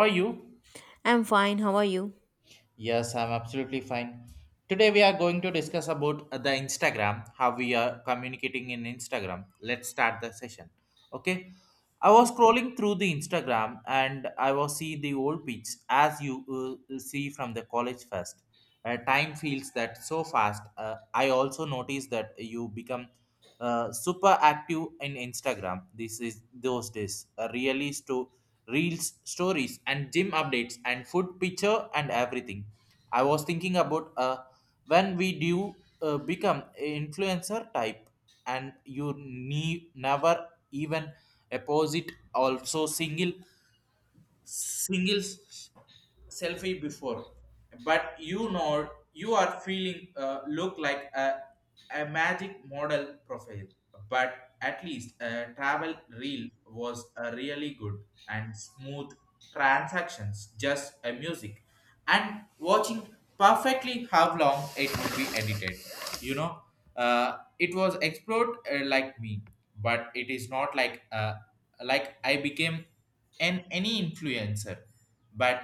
How are you? I'm fine. How are you? Yes, I'm absolutely fine. Today we are going to discuss about the Instagram, how we are communicating in Instagram. Let's start the session. Okay. I was scrolling through the Instagram and I was see the old pics as you see from the college first. Time feels that so fast. I also noticed that you become super active in Instagram. This is those days. Really reels, stories, and gym updates, and food picture, and everything. I was thinking about when we do become an influencer type, and you never even a post it also single singles selfie before but you know you are feeling look like a magic model profile but at least a travel reel was a really good and smooth transactions just a music and watching perfectly how long it would be edited, you know, it was explored like me but it is not like like I became and any influencer. But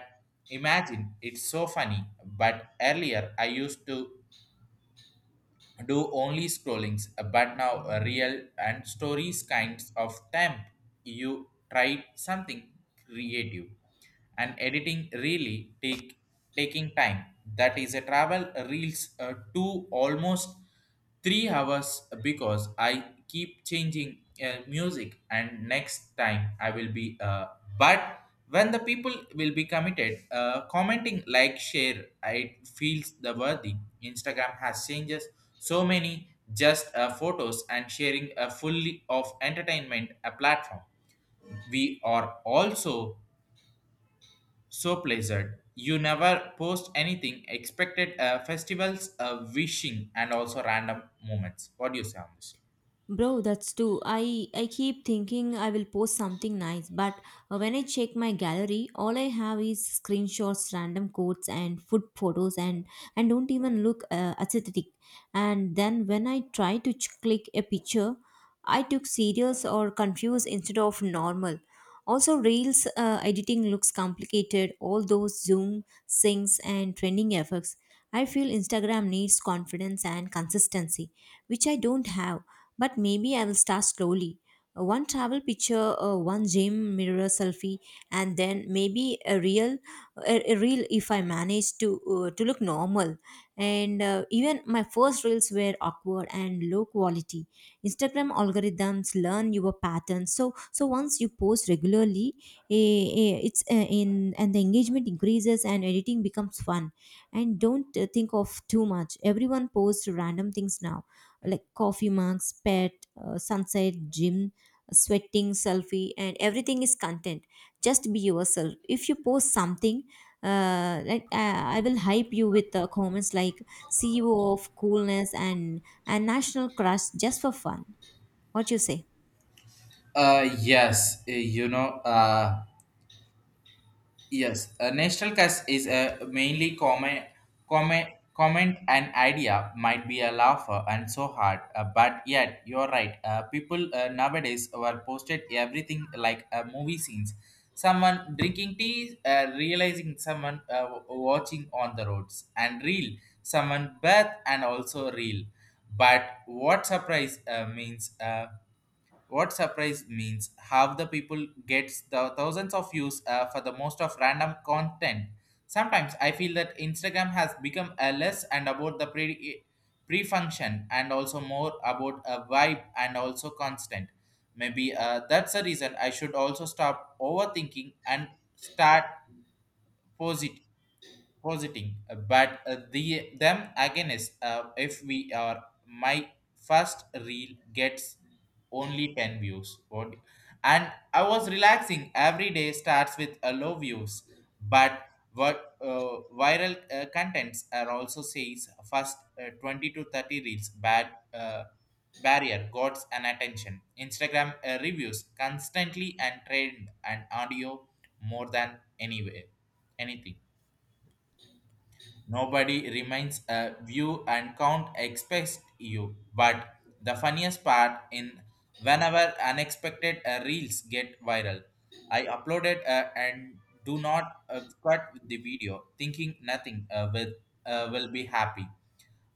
imagine it's so funny. But earlier I used to do only scrollings, but now a real and stories kinds of temp. You try something creative and editing really take taking time. That is a travel reels to almost 3 hours because I keep changing music and next time I will be but when the people will be committed commenting like share it feels the worthy. Instagram has changes so many just photos and sharing a fully of entertainment a platform we are also so pleasant. You never post anything expected festivals, wishing, and also random moments. What do you say on this? Bro, that's too. I keep thinking I will post something nice, but when I check my gallery, all I have is screenshots, random quotes, and food photos, and don't even look aesthetic. And then when I try to click a picture, I took serious or confused instead of normal. Also, reels editing looks complicated. All those zoom, syncs, and trending effects. I feel Instagram needs confidence and consistency, which I don't have, but maybe I will start slowly. One travel picture, one gym mirror selfie, and then maybe a reel if I manage to look normal. And even my first reels were awkward and low quality. Instagram algorithms learn your patterns. So once you post regularly, in and the engagement increases and editing becomes fun. And don't think of too much. Everyone posts random things now like coffee mugs, pet, sunset, gym, sweating, selfie, and everything is content. Just be yourself. If you post something, like I will hype you with comments like CEO of coolness and national crush just for fun. What you say? Uh, yes, uh, you know, uh, Yes, a national cast is a mainly comment, comment an idea might be a laugher and so hard, but yet you're right. People nowadays were posted everything like movie scenes. Someone drinking tea, realizing someone watching on the roads, and real someone birth and also real. But what surprise means? What surprise means half the people gets the thousands of views for the most of random content. Sometimes I feel that Instagram has become a less and about the pre function and also more about a vibe and also constant. Maybe that's the reason I should also stop overthinking and start positive positing, but the them against if we are my first reel gets only 10 views what and I was relaxing every day starts with a low views but what viral contents are also says first 20 to 30 reels bad barrier got an attention. Instagram reviews constantly and trend and audio more than anywhere anything. Nobody remains a view and count expects you. But the funniest part in whenever unexpected reels get viral, I uploaded and do not cut the video, thinking nothing will be happy.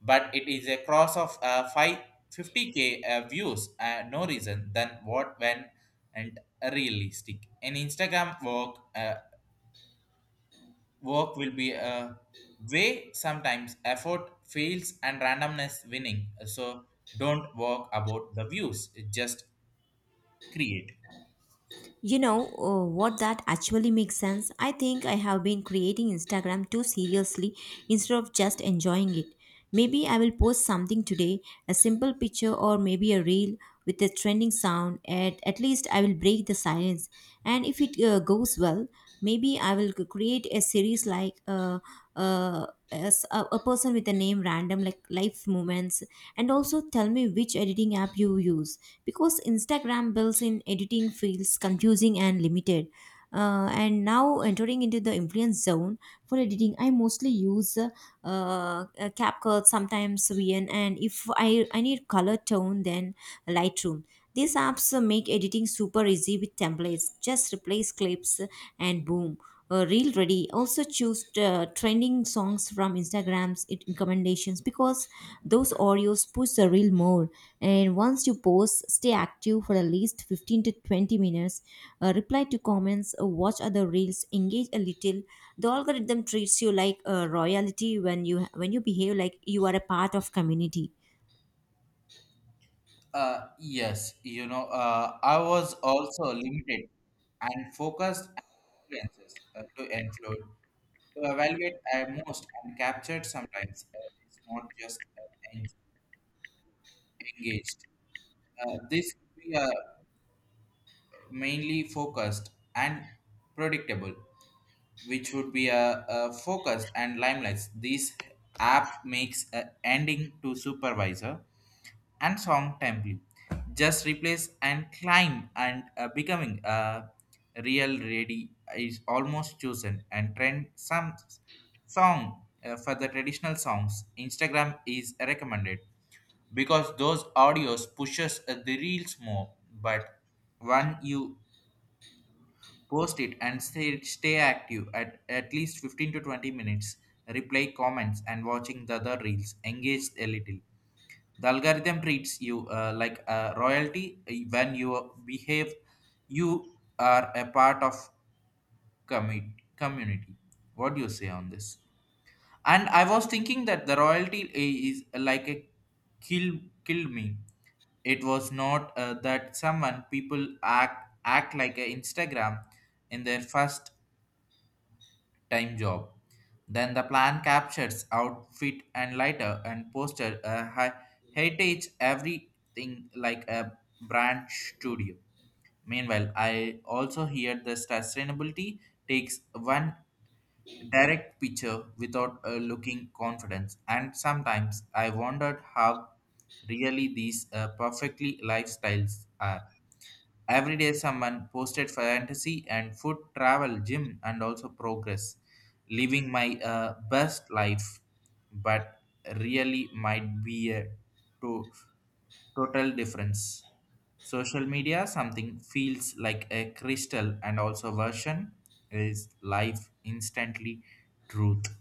But it is a cross of 50k views, no reason than what when and realistic. In Instagram work work will be a way, sometimes effort fails and randomness winning. So don't work about the views, just create. You know what, that actually makes sense. I think I have been creating Instagram too seriously instead of just enjoying it. Maybe I will post something today, a simple picture or maybe a reel with a trending sound. At least I will break the silence. And if it goes well, maybe I will create a series like as a person with a name random, like life moments. And also tell me which editing app you use, because Instagram builds in editing feels confusing and limited. And now entering into the influence zone, for editing I mostly use uh, CapCut, sometimes VN, and if I need color tone, then Lightroom. These apps make editing super easy with templates. Just replace clips and boom, reel ready. Also choose trending songs from Instagram's it recommendations, because those Oreos push the reel more. And once you post, stay active for at least 15 to 20 minutes. Reply to comments, watch other reels, engage a little. The algorithm treats you like a royalty when you behave like you are a part of community. I was also limited and focused experiences to evaluate most and captured sometimes. It's not just engaged. This could be mainly focused and predictable, which would be a focus and limelight. This app makes a ending to supervisor and song template. Just replace and climb and becoming a real ready is almost chosen and trend some song for the traditional songs. Instagram is recommended because those audios pushes the reels more. But when you post it and stay active at least 15 to 20 minutes. Reply comments and watching the other reels. Engage a little. The algorithm treats you like a royalty when you behave. You are a part of community. What do you say on this? And I was thinking that the royalty is like a kill kill me. It was not that someone people act like a Instagram in their first time job. Then the plan captures outfit and lighter and poster a heritage everything like a brand studio. Meanwhile, I also hear the sustainability takes one direct picture without looking confidence. And sometimes I wondered how really these perfectly lifestyles are. Every day, someone posted fantasy and food, travel, gym, and also progress, living my best life. But really, might be a to- total difference. Social media, something feels like a crystal, and also version is life instantly truth.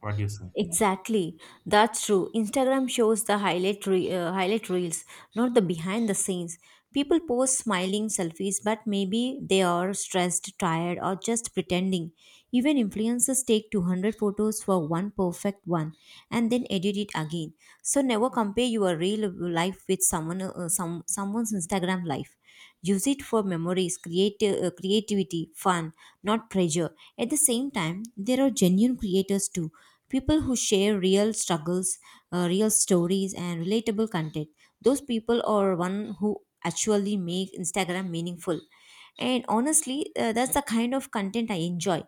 What do you say? Exactly, that's true. Instagram shows the highlight reels, not the behind the scenes. People post smiling selfies, but maybe they are stressed, tired, or just pretending. Even influencers take 200 photos for one perfect one and then edit it again. So never compare your real life with someone's Instagram life. Use it for memories, creative creativity, fun, not pressure. At the same time, there are genuine creators too, people who share real struggles, real stories, and relatable content. Those people are one who actually make Instagram meaningful. And honestly, that's the kind of content I enjoy,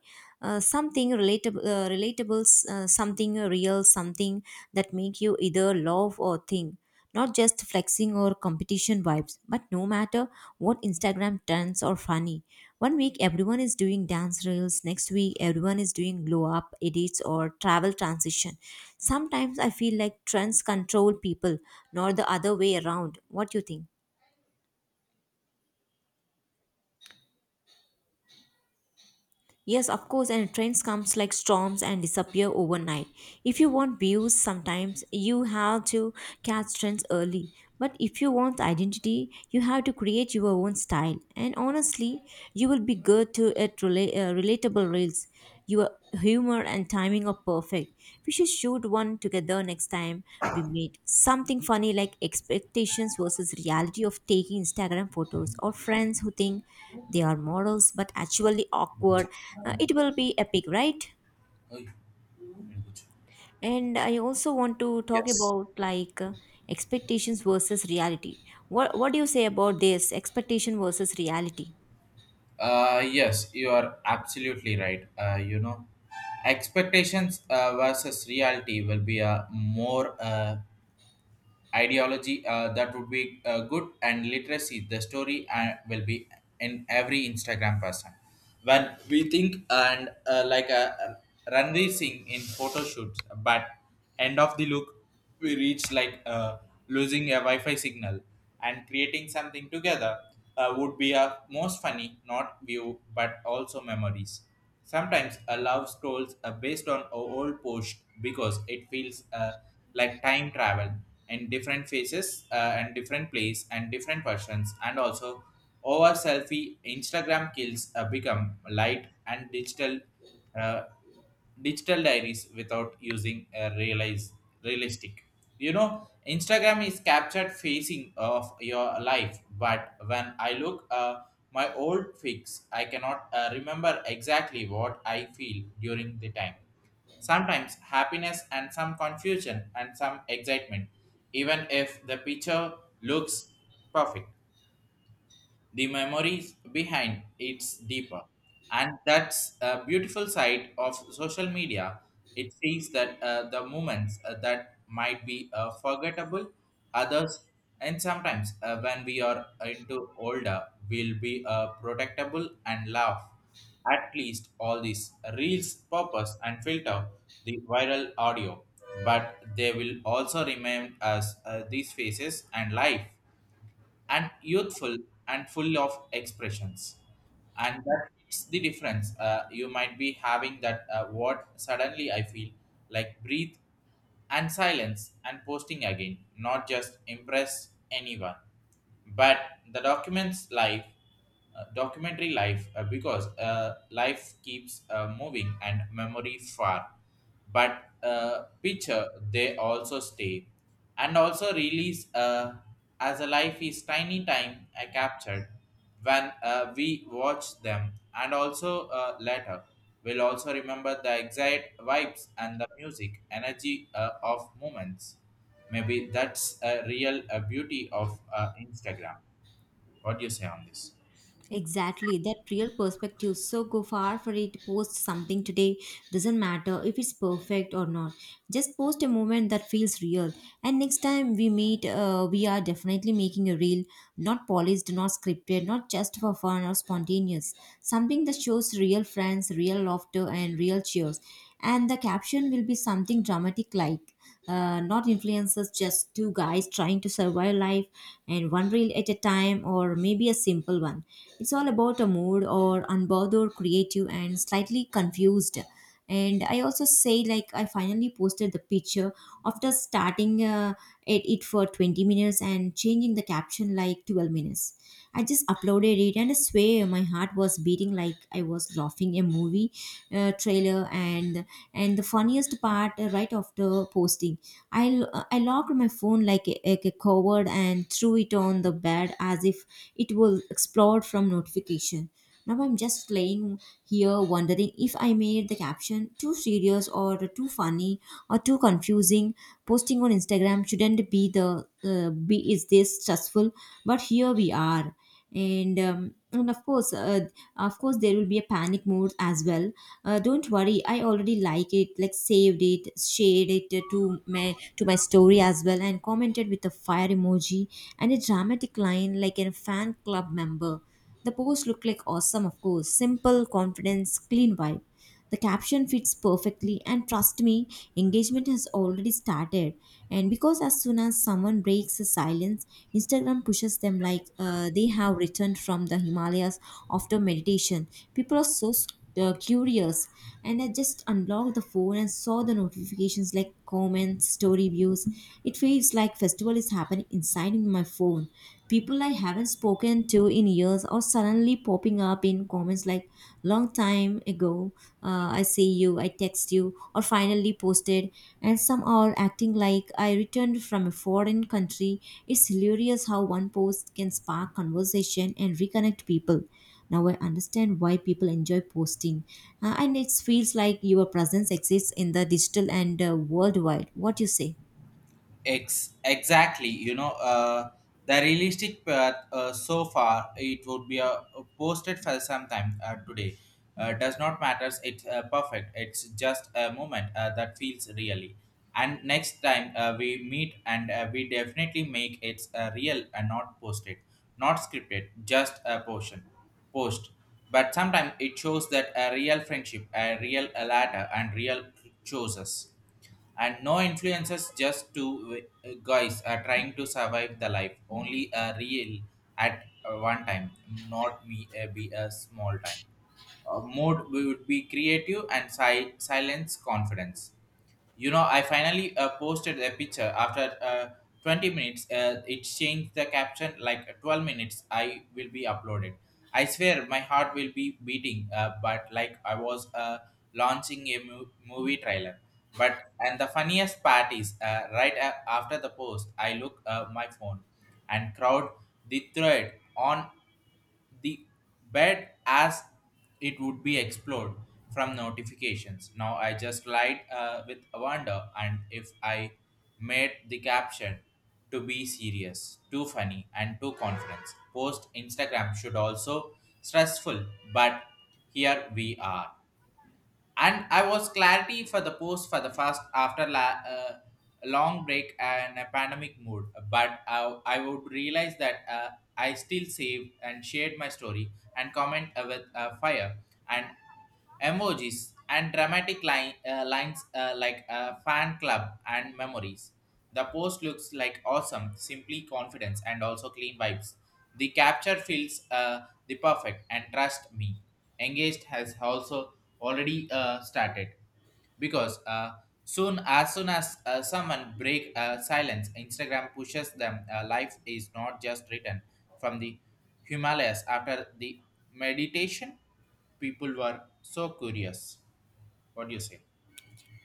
something relatable, something real, something that make you either love or think, not just flexing or competition vibes. But no matter what, Instagram trends are funny. One week everyone is doing dance reels, next week everyone is doing glow up edits or travel transition. Sometimes I feel like trends control people, not the other way around. What do you think? Yes, of course, and trends comes like storms and disappear overnight. If you want views, sometimes you have to catch trends early. But if you want identity, you have to create your own style. And honestly, you will be good to at relatable reels. Your humor and timing are perfect. We should shoot one together next time we meet. Something funny like expectations versus reality of taking Instagram photos, or friends who think they are models but actually awkward. It will be epic, right? And I also want to talk Yes. about, like, expectations versus reality. What do you say about this expectation versus reality? Yes, you are absolutely right. You know, expectations versus reality will be a more ideology that would be good and literacy. The story will be in every Instagram person. When we think and like a Ranveer Singh in photo shoots, but end of the look we reach like losing a Wi-Fi signal, and creating something together would be a most funny, not view, but also memories. Sometimes a love scrolls based on a old post because it feels like time travel in different faces and different place and different persons and also over selfie Instagram kills become light and digital, uh, digital diaries without using a realize realistic. You know Instagram is captured facing of your life, but when I look my old fix I cannot remember exactly what I feel during the time. Sometimes happiness and some confusion and some excitement, even if the picture looks perfect, the memories behind it's deeper, and that's a beautiful side of social media. It sees that the moments that might be forgettable others, and sometimes when we are into older we'll be protectable and laugh. At least all these reels purpose and filter the viral audio, but they will also remain as these faces and life and youthful and full of expressions. And that is the difference. You might be having that what suddenly I feel like breathe and silence and posting again, not just impress anyone, but the documents life, documentary life, because life keeps moving and memory far, but picture they also stay and also release as a life is tiny time I captured. When we watch them and also later will also remember the exact vibes and the music energy of moments. Maybe that's a real beauty of Instagram. What do you say on this? Exactly, that real perspective. So go far for it, post something today. Doesn't matter if it's perfect or not. Just post a moment that feels real. And next time we meet, we are definitely making a reel, not polished, not scripted, not just for fun or spontaneous. Something that shows real friends, real laughter, and real cheers. And the caption will be something dramatic, like: not influencers, just two guys trying to survive life and one reel at a time. Or maybe a simple one: it's all about a mood, or unbothered, creative, and slightly confused. And I also say, like, I finally posted the picture after starting at it for 20 minutes and changing the caption like 12 minutes. I just uploaded it and I swear my heart was beating like I was laughing a movie trailer. And the funniest part, right after posting, I locked my phone like a coward, and threw it on the bed as if it will explode from notification. Now I'm just playing here wondering if I made the caption too serious or too funny or too confusing. Posting on Instagram shouldn't be the, be is this stressful, but here we are. And and of course, there will be a panic mode as well. Don't worry, I already like it, like saved it, shared it, to my story as well, and commented with a fire emoji and a dramatic line like a fan club member. The post looked like awesome, of course, simple confidence, clean vibe. The caption fits perfectly, and trust me, engagement has already started. And because as soon as someone breaks the silence, Instagram pushes them like they have returned from the Himalayas after meditation. People are so curious, and I just unlocked the phone and saw the notifications like comments, story views. It feels like festival is happening inside in my phone. People I haven't spoken to in years are suddenly popping up in comments like, long time ago, I see you, I text you, or finally posted. And some are acting like I returned from a foreign country. It's hilarious how one post can spark conversation and reconnect people. Now I understand why people enjoy posting. And it feels like your presence exists in the digital and worldwide. What you say? Ex- exactly, you know, the realistic path so far it would be posted for some time today. Does not matters. It's perfect. It's just a moment that feels really. And next time we meet, and we definitely make it real and not posted, not scripted, just a portion post. But sometimes it shows that a real friendship, a real ladder, and real chooses and no influences, just two guys are trying to survive the life only a real at one time, not me be a small time, mode would be creative and silence confidence. You know, I finally posted a picture after 20 minutes. It changed the caption like 12 minutes. I will be uploaded. I swear my heart will be beating, but like I was launching a movie trailer. But and the funniest part is right after the post, I look my phone and crowd the thread on the bed as it would be explored from notifications. Now I just lied with wonder, and if I made the caption to be serious, too funny, and too confidence, post Instagram should also stressful, but here we are, and I was clarity for the post for the first after long break and a pandemic mood. But I would realize that I still saved and shared my story and comment with fire. And emojis and dramatic lines like fan club and memories. The post looks like awesome, simply confidence and also clean vibes. The capture feels the perfect and trust me, engaged has also already started, because soon as someone break silence Instagram pushes them life is not just written from the Himalayas after the meditation. People were so curious. What do you say?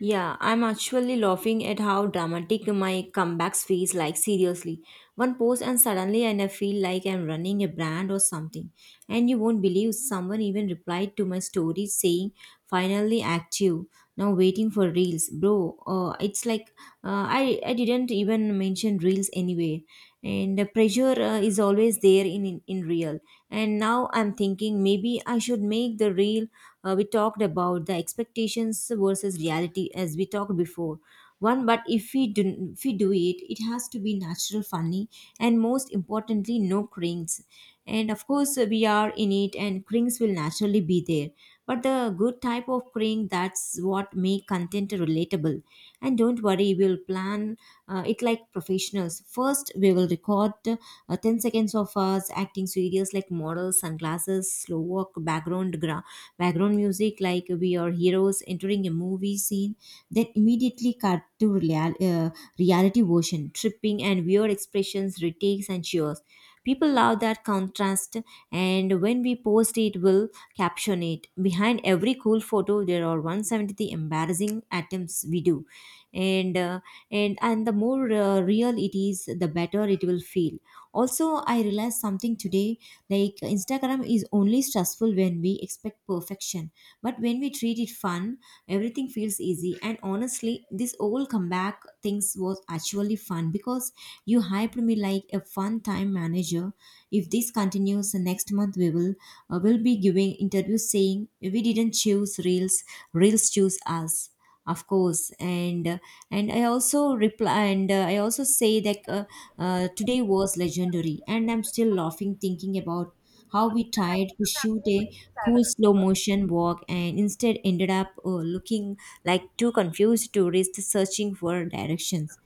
Yeah, I'm actually laughing at how dramatic my comebacks feels like, seriously. One post and suddenly and I feel like I'm running a brand or something. And you won't believe, someone even replied to my story saying finally active. Now waiting for reels. Bro, it's like I didn't even mention reels anyway. And the pressure is always there in real. And now I'm thinking maybe I should make the reel we talked about, the expectations versus reality as we talked before one. But if we do, if we do it, it has to be natural, funny, and most importantly no cringe. And of course, we are in it and cringe will naturally be there, but the good type of cringe, that's what make content relatable. And don't worry, we'll plan it like professionals. First, we will record 10 seconds of us acting serious like models, sunglasses, slow walk, background, background music like we are heroes entering a movie scene. Then immediately cut to reality version, tripping and weird expressions, retakes and cheers. People love that contrast, and when we post it, we'll caption it: Behind every cool photo, there are 170 embarrassing attempts we do. And uh, and and the more real it is, the better it will feel. Also, I realized something today, like Instagram is only stressful when we expect perfection, but when we treat it fun, everything feels easy. And honestly, this all comeback things was actually fun, because you hyped me like a fun time manager. If this continues, next month we will be giving interviews saying we didn't choose reels, reels choose us. Of course. And I also reply, and I also say that, today was legendary and I'm still laughing thinking about how we tried to shoot a cool slow motion walk and instead ended up looking like two confused tourists searching for directions.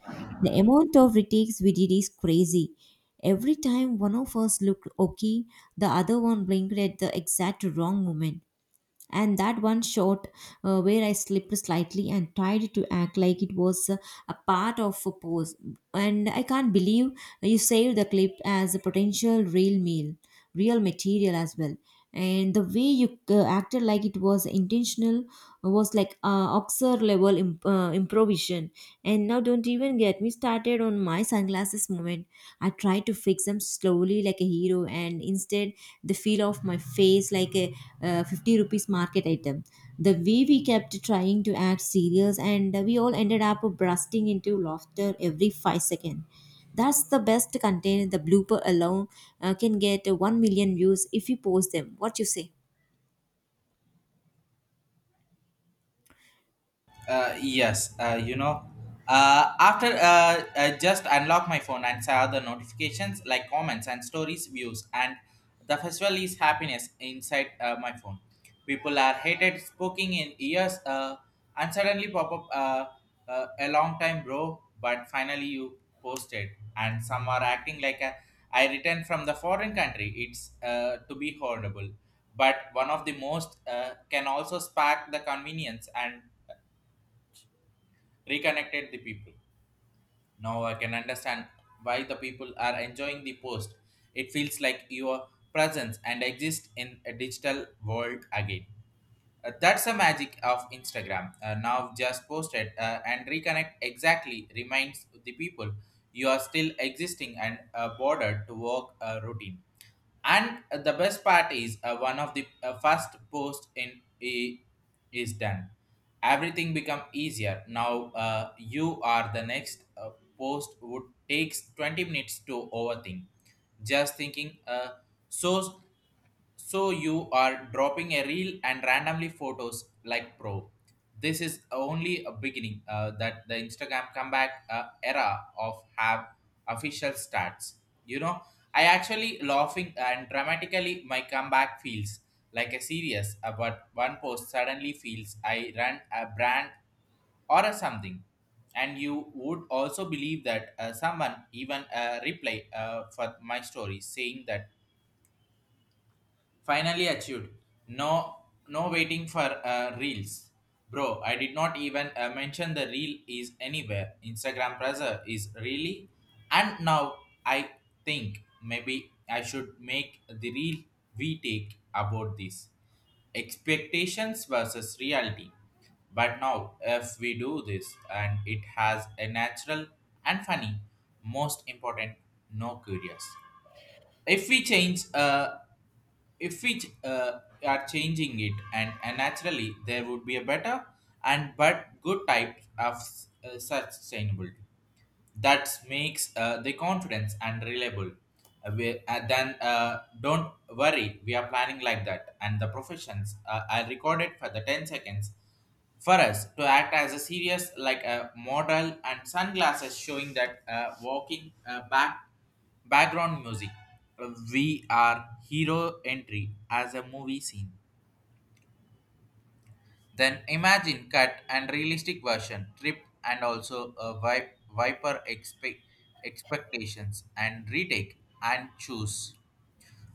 The amount of retakes we did is crazy. Every time one of us looked okay, the other one blinked at the exact wrong moment. And that one shot where I slipped slightly and tried to act like it was a part of a pose. And I can't believe you saved the clip as a potential real meal, real material as well. And the way you acted like it was intentional was like Oxford level improvisation. And now, don't even get me started on my sunglasses moment. I try to fix them slowly like a hero, and instead they feel off my face like a 50 rupees market item. The way we kept trying to act serious, and we all ended up bursting into laughter every 5 seconds. That's the best content. The blooper alone can get 1 million views if you post them. What you say? Uh, yes, uh, you know, After I just unlock my phone and saw the notifications like comments and stories, views, and the festival is happiness inside my phone. People are hated, spoken in ears and suddenly pop up a long time, bro. But finally, you posted, and some are acting like a, I returned from the foreign country. It's to be horrible, but one of the most can also spark the convenience and reconnected the people. Now I can understand why the people are enjoying the post. It feels like your presence and exist in a digital world again. That's the magic of Instagram. Now just posted and reconnect exactly reminds the people you are still existing and bordered to work a routine, and the best part is one of the first post in is done. Everything become easier now, you are the next, post would takes 20 minutes to overthink, just thinking so so you are dropping a reel and randomly photos like pro. This is only a beginning that the Instagram comeback era of have official stats. You know, I actually laughing and dramatically my comeback feels like a serious, but one post suddenly feels I ran a brand or a something. And you would also believe that someone even reply for my story saying that finally achieved. No, no, waiting for reels. Bro, I did not even mention the reel is anywhere. Instagram pressure is really, and now I think maybe I should make the reel. We take about this expectations versus reality, but now if we do this, and it has a natural and funny, most important, no curious, if we change if we ch- are changing it, and naturally there would be a better and but good type of sustainability that makes the confidence and reliable. We, then Don't worry, we are planning like that. And the professions are recorded for the 10 seconds for us to act as a serious, like a model and sunglasses showing that walking back background music. We are hero entry as a movie scene. Then imagine cut and realistic version, trip and also a viper expectations and retake and choose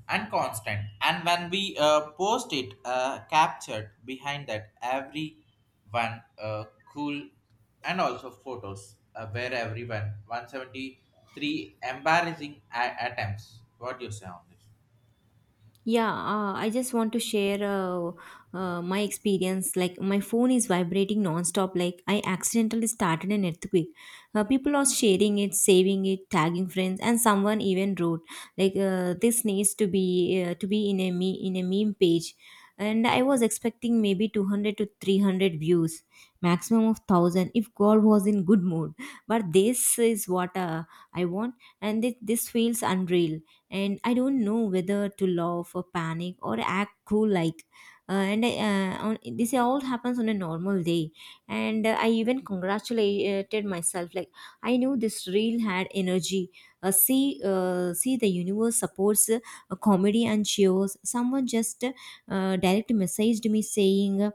and constant. And when we post it, captured behind that every one cool, and also photos where everyone 173 embarrassing attempts. What do you say on this? Yeah, I just want to share my experience. Like, my phone is vibrating nonstop. Like, I accidentally started an earthquake. People are sharing it, saving it, tagging friends, and someone even wrote like, "This needs to be in a meme page." And I was expecting maybe 200 to 300 views, maximum of 1,000 if god was in good mood. But this is what I want, and this feels unreal. And I don't know whether to laugh or panic or act cool, like this all happens on a normal day. And I even congratulated myself, like I knew this reel had energy. See, the universe supports comedy and shows. Someone just direct messaged me saying,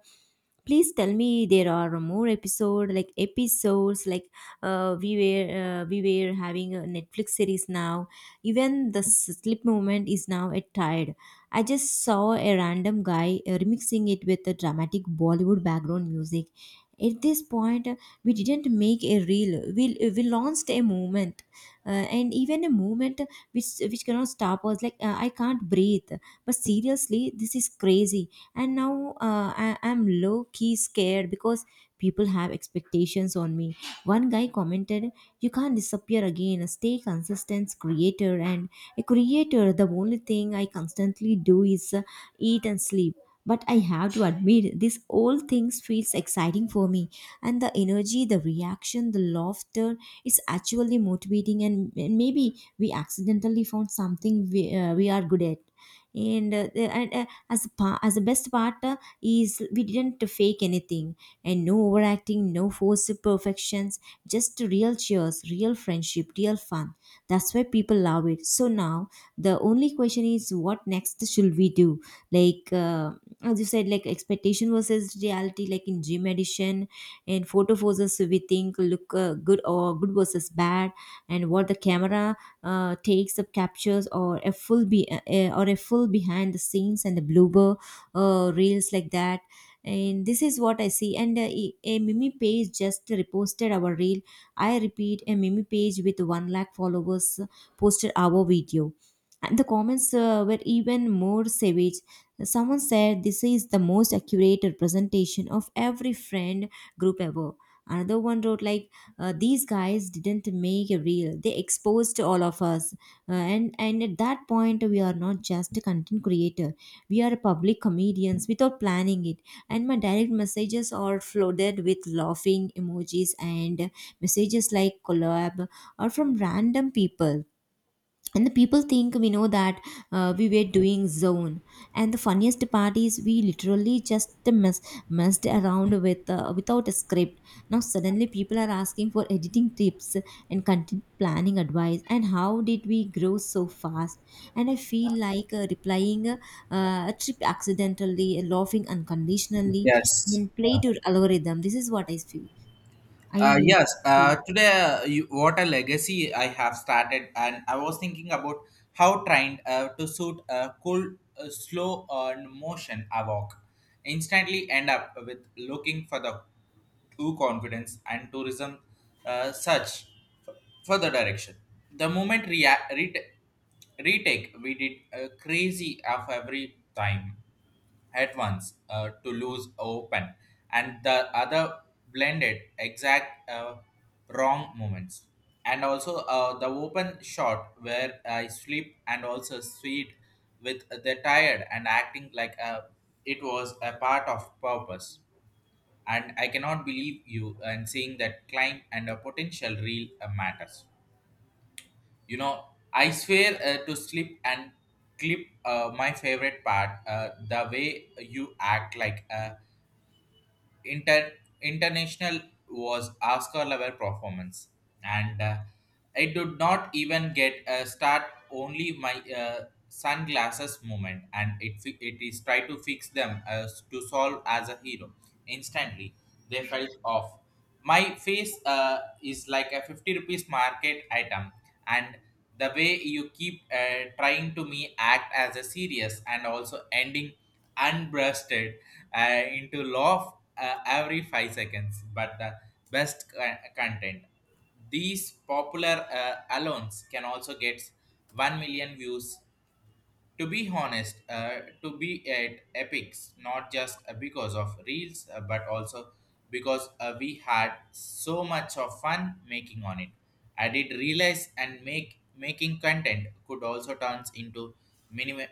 "Please tell me there are more episodes, like we were having a Netflix series now. Even the slip movement is now a tired." I just saw a random guy remixing it with a dramatic Bollywood background music. At this point, we didn't make a reel, we launched a movement. And even a movement which cannot stop us, like I can't breathe. But seriously, this is crazy. And now I'm low key scared because people have expectations on me. One guy commented, "You can't disappear again. Stay consistent, creator." And a creator, the only thing I constantly do is eat and sleep. But I have to admit, this all things feels exciting for me, and the energy, the reaction, the laughter, it's actually motivating. And maybe we accidentally found something we are good at. And as the best part is, we didn't fake anything. And no overacting, no forced perfections, just real cheers, real friendship, real fun. That's why people love it. So now the only question is, what next should we do? Like, as you said, like expectation versus reality, like in gym edition, and photo versus we think look good, or good versus bad, and what the camera takes up captures, or a full be or a full behind the scenes and the blooper reels like that. And this is what I see. And a mimi page just reposted our reel. I repeat, a mimi page with 1 lakh followers posted our video. And the comments were even more savage. Someone said, "This is the most accurate representation of every friend group ever." Another one wrote like, "These guys didn't make a reel, they exposed all of us." And at that point, we are not just a content creator, we are public comedians without planning it. And my direct messages are flooded with laughing emojis and messages like "collab" or from random people. And the people think we know that, we were doing zone. And the funniest part is, we literally just messed around with without a script. Now suddenly people are asking for editing tips and content planning advice and how did we grow so fast. And I feel like replying, a trip accidentally laughing unconditionally Yes. and play to algorithm. This is what I feel. i Yes, feel today you, what a legacy I have started, and I was thinking about how trained to suit a cool, slow motion I walk. Instantly end up with looking for the true confidence and tourism search f- for the direction. The moment retake we did crazy of every time at once to lose open and the other blended exact wrong moments and also the open shot where I sleep and also sweet with the tired and acting like it was a part of purpose, and I cannot believe you and seeing that climb and a potential real matters, you know. I swear to sleep and clip my favorite part, the way you act like a inter- international was Oscar level performance, and I did not even get a start. Only my sunglasses moment, and it it is try to fix them as to solve as a hero. Instantly, they felt off. My face is like a 50 rupees market item, and the way you keep trying to me act as a serious and also ending unbrushed into law every 5 seconds, but the best content. These popular alons can also get 1 million views, to be honest, to be at Epics, not just because of reels, but also because we had so much of fun making on it. I did realize and make making content could also turns into minimum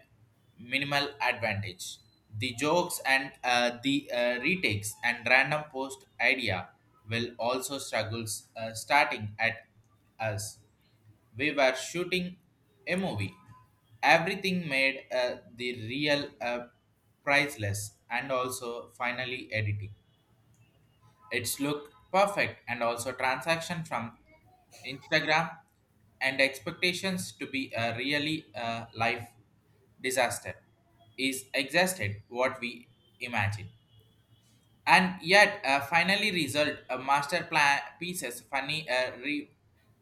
minimal advantage. The jokes and the retakes and random post idea will also struggles starting at us, we were shooting a movie. Everything made the real priceless, and also finally editing. It's look perfect and also transaction from Instagram and expectations to be a really life disaster is exhausted what we imagine, and yet finally result a master plan pieces funny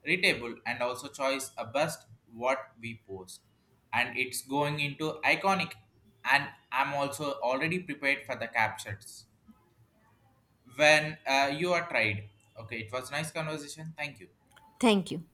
readable and also choice a best what we post, and it's going into iconic, and I'm also already prepared for the captions when you are tried. Okay, it was nice conversation, thank you. Thank you.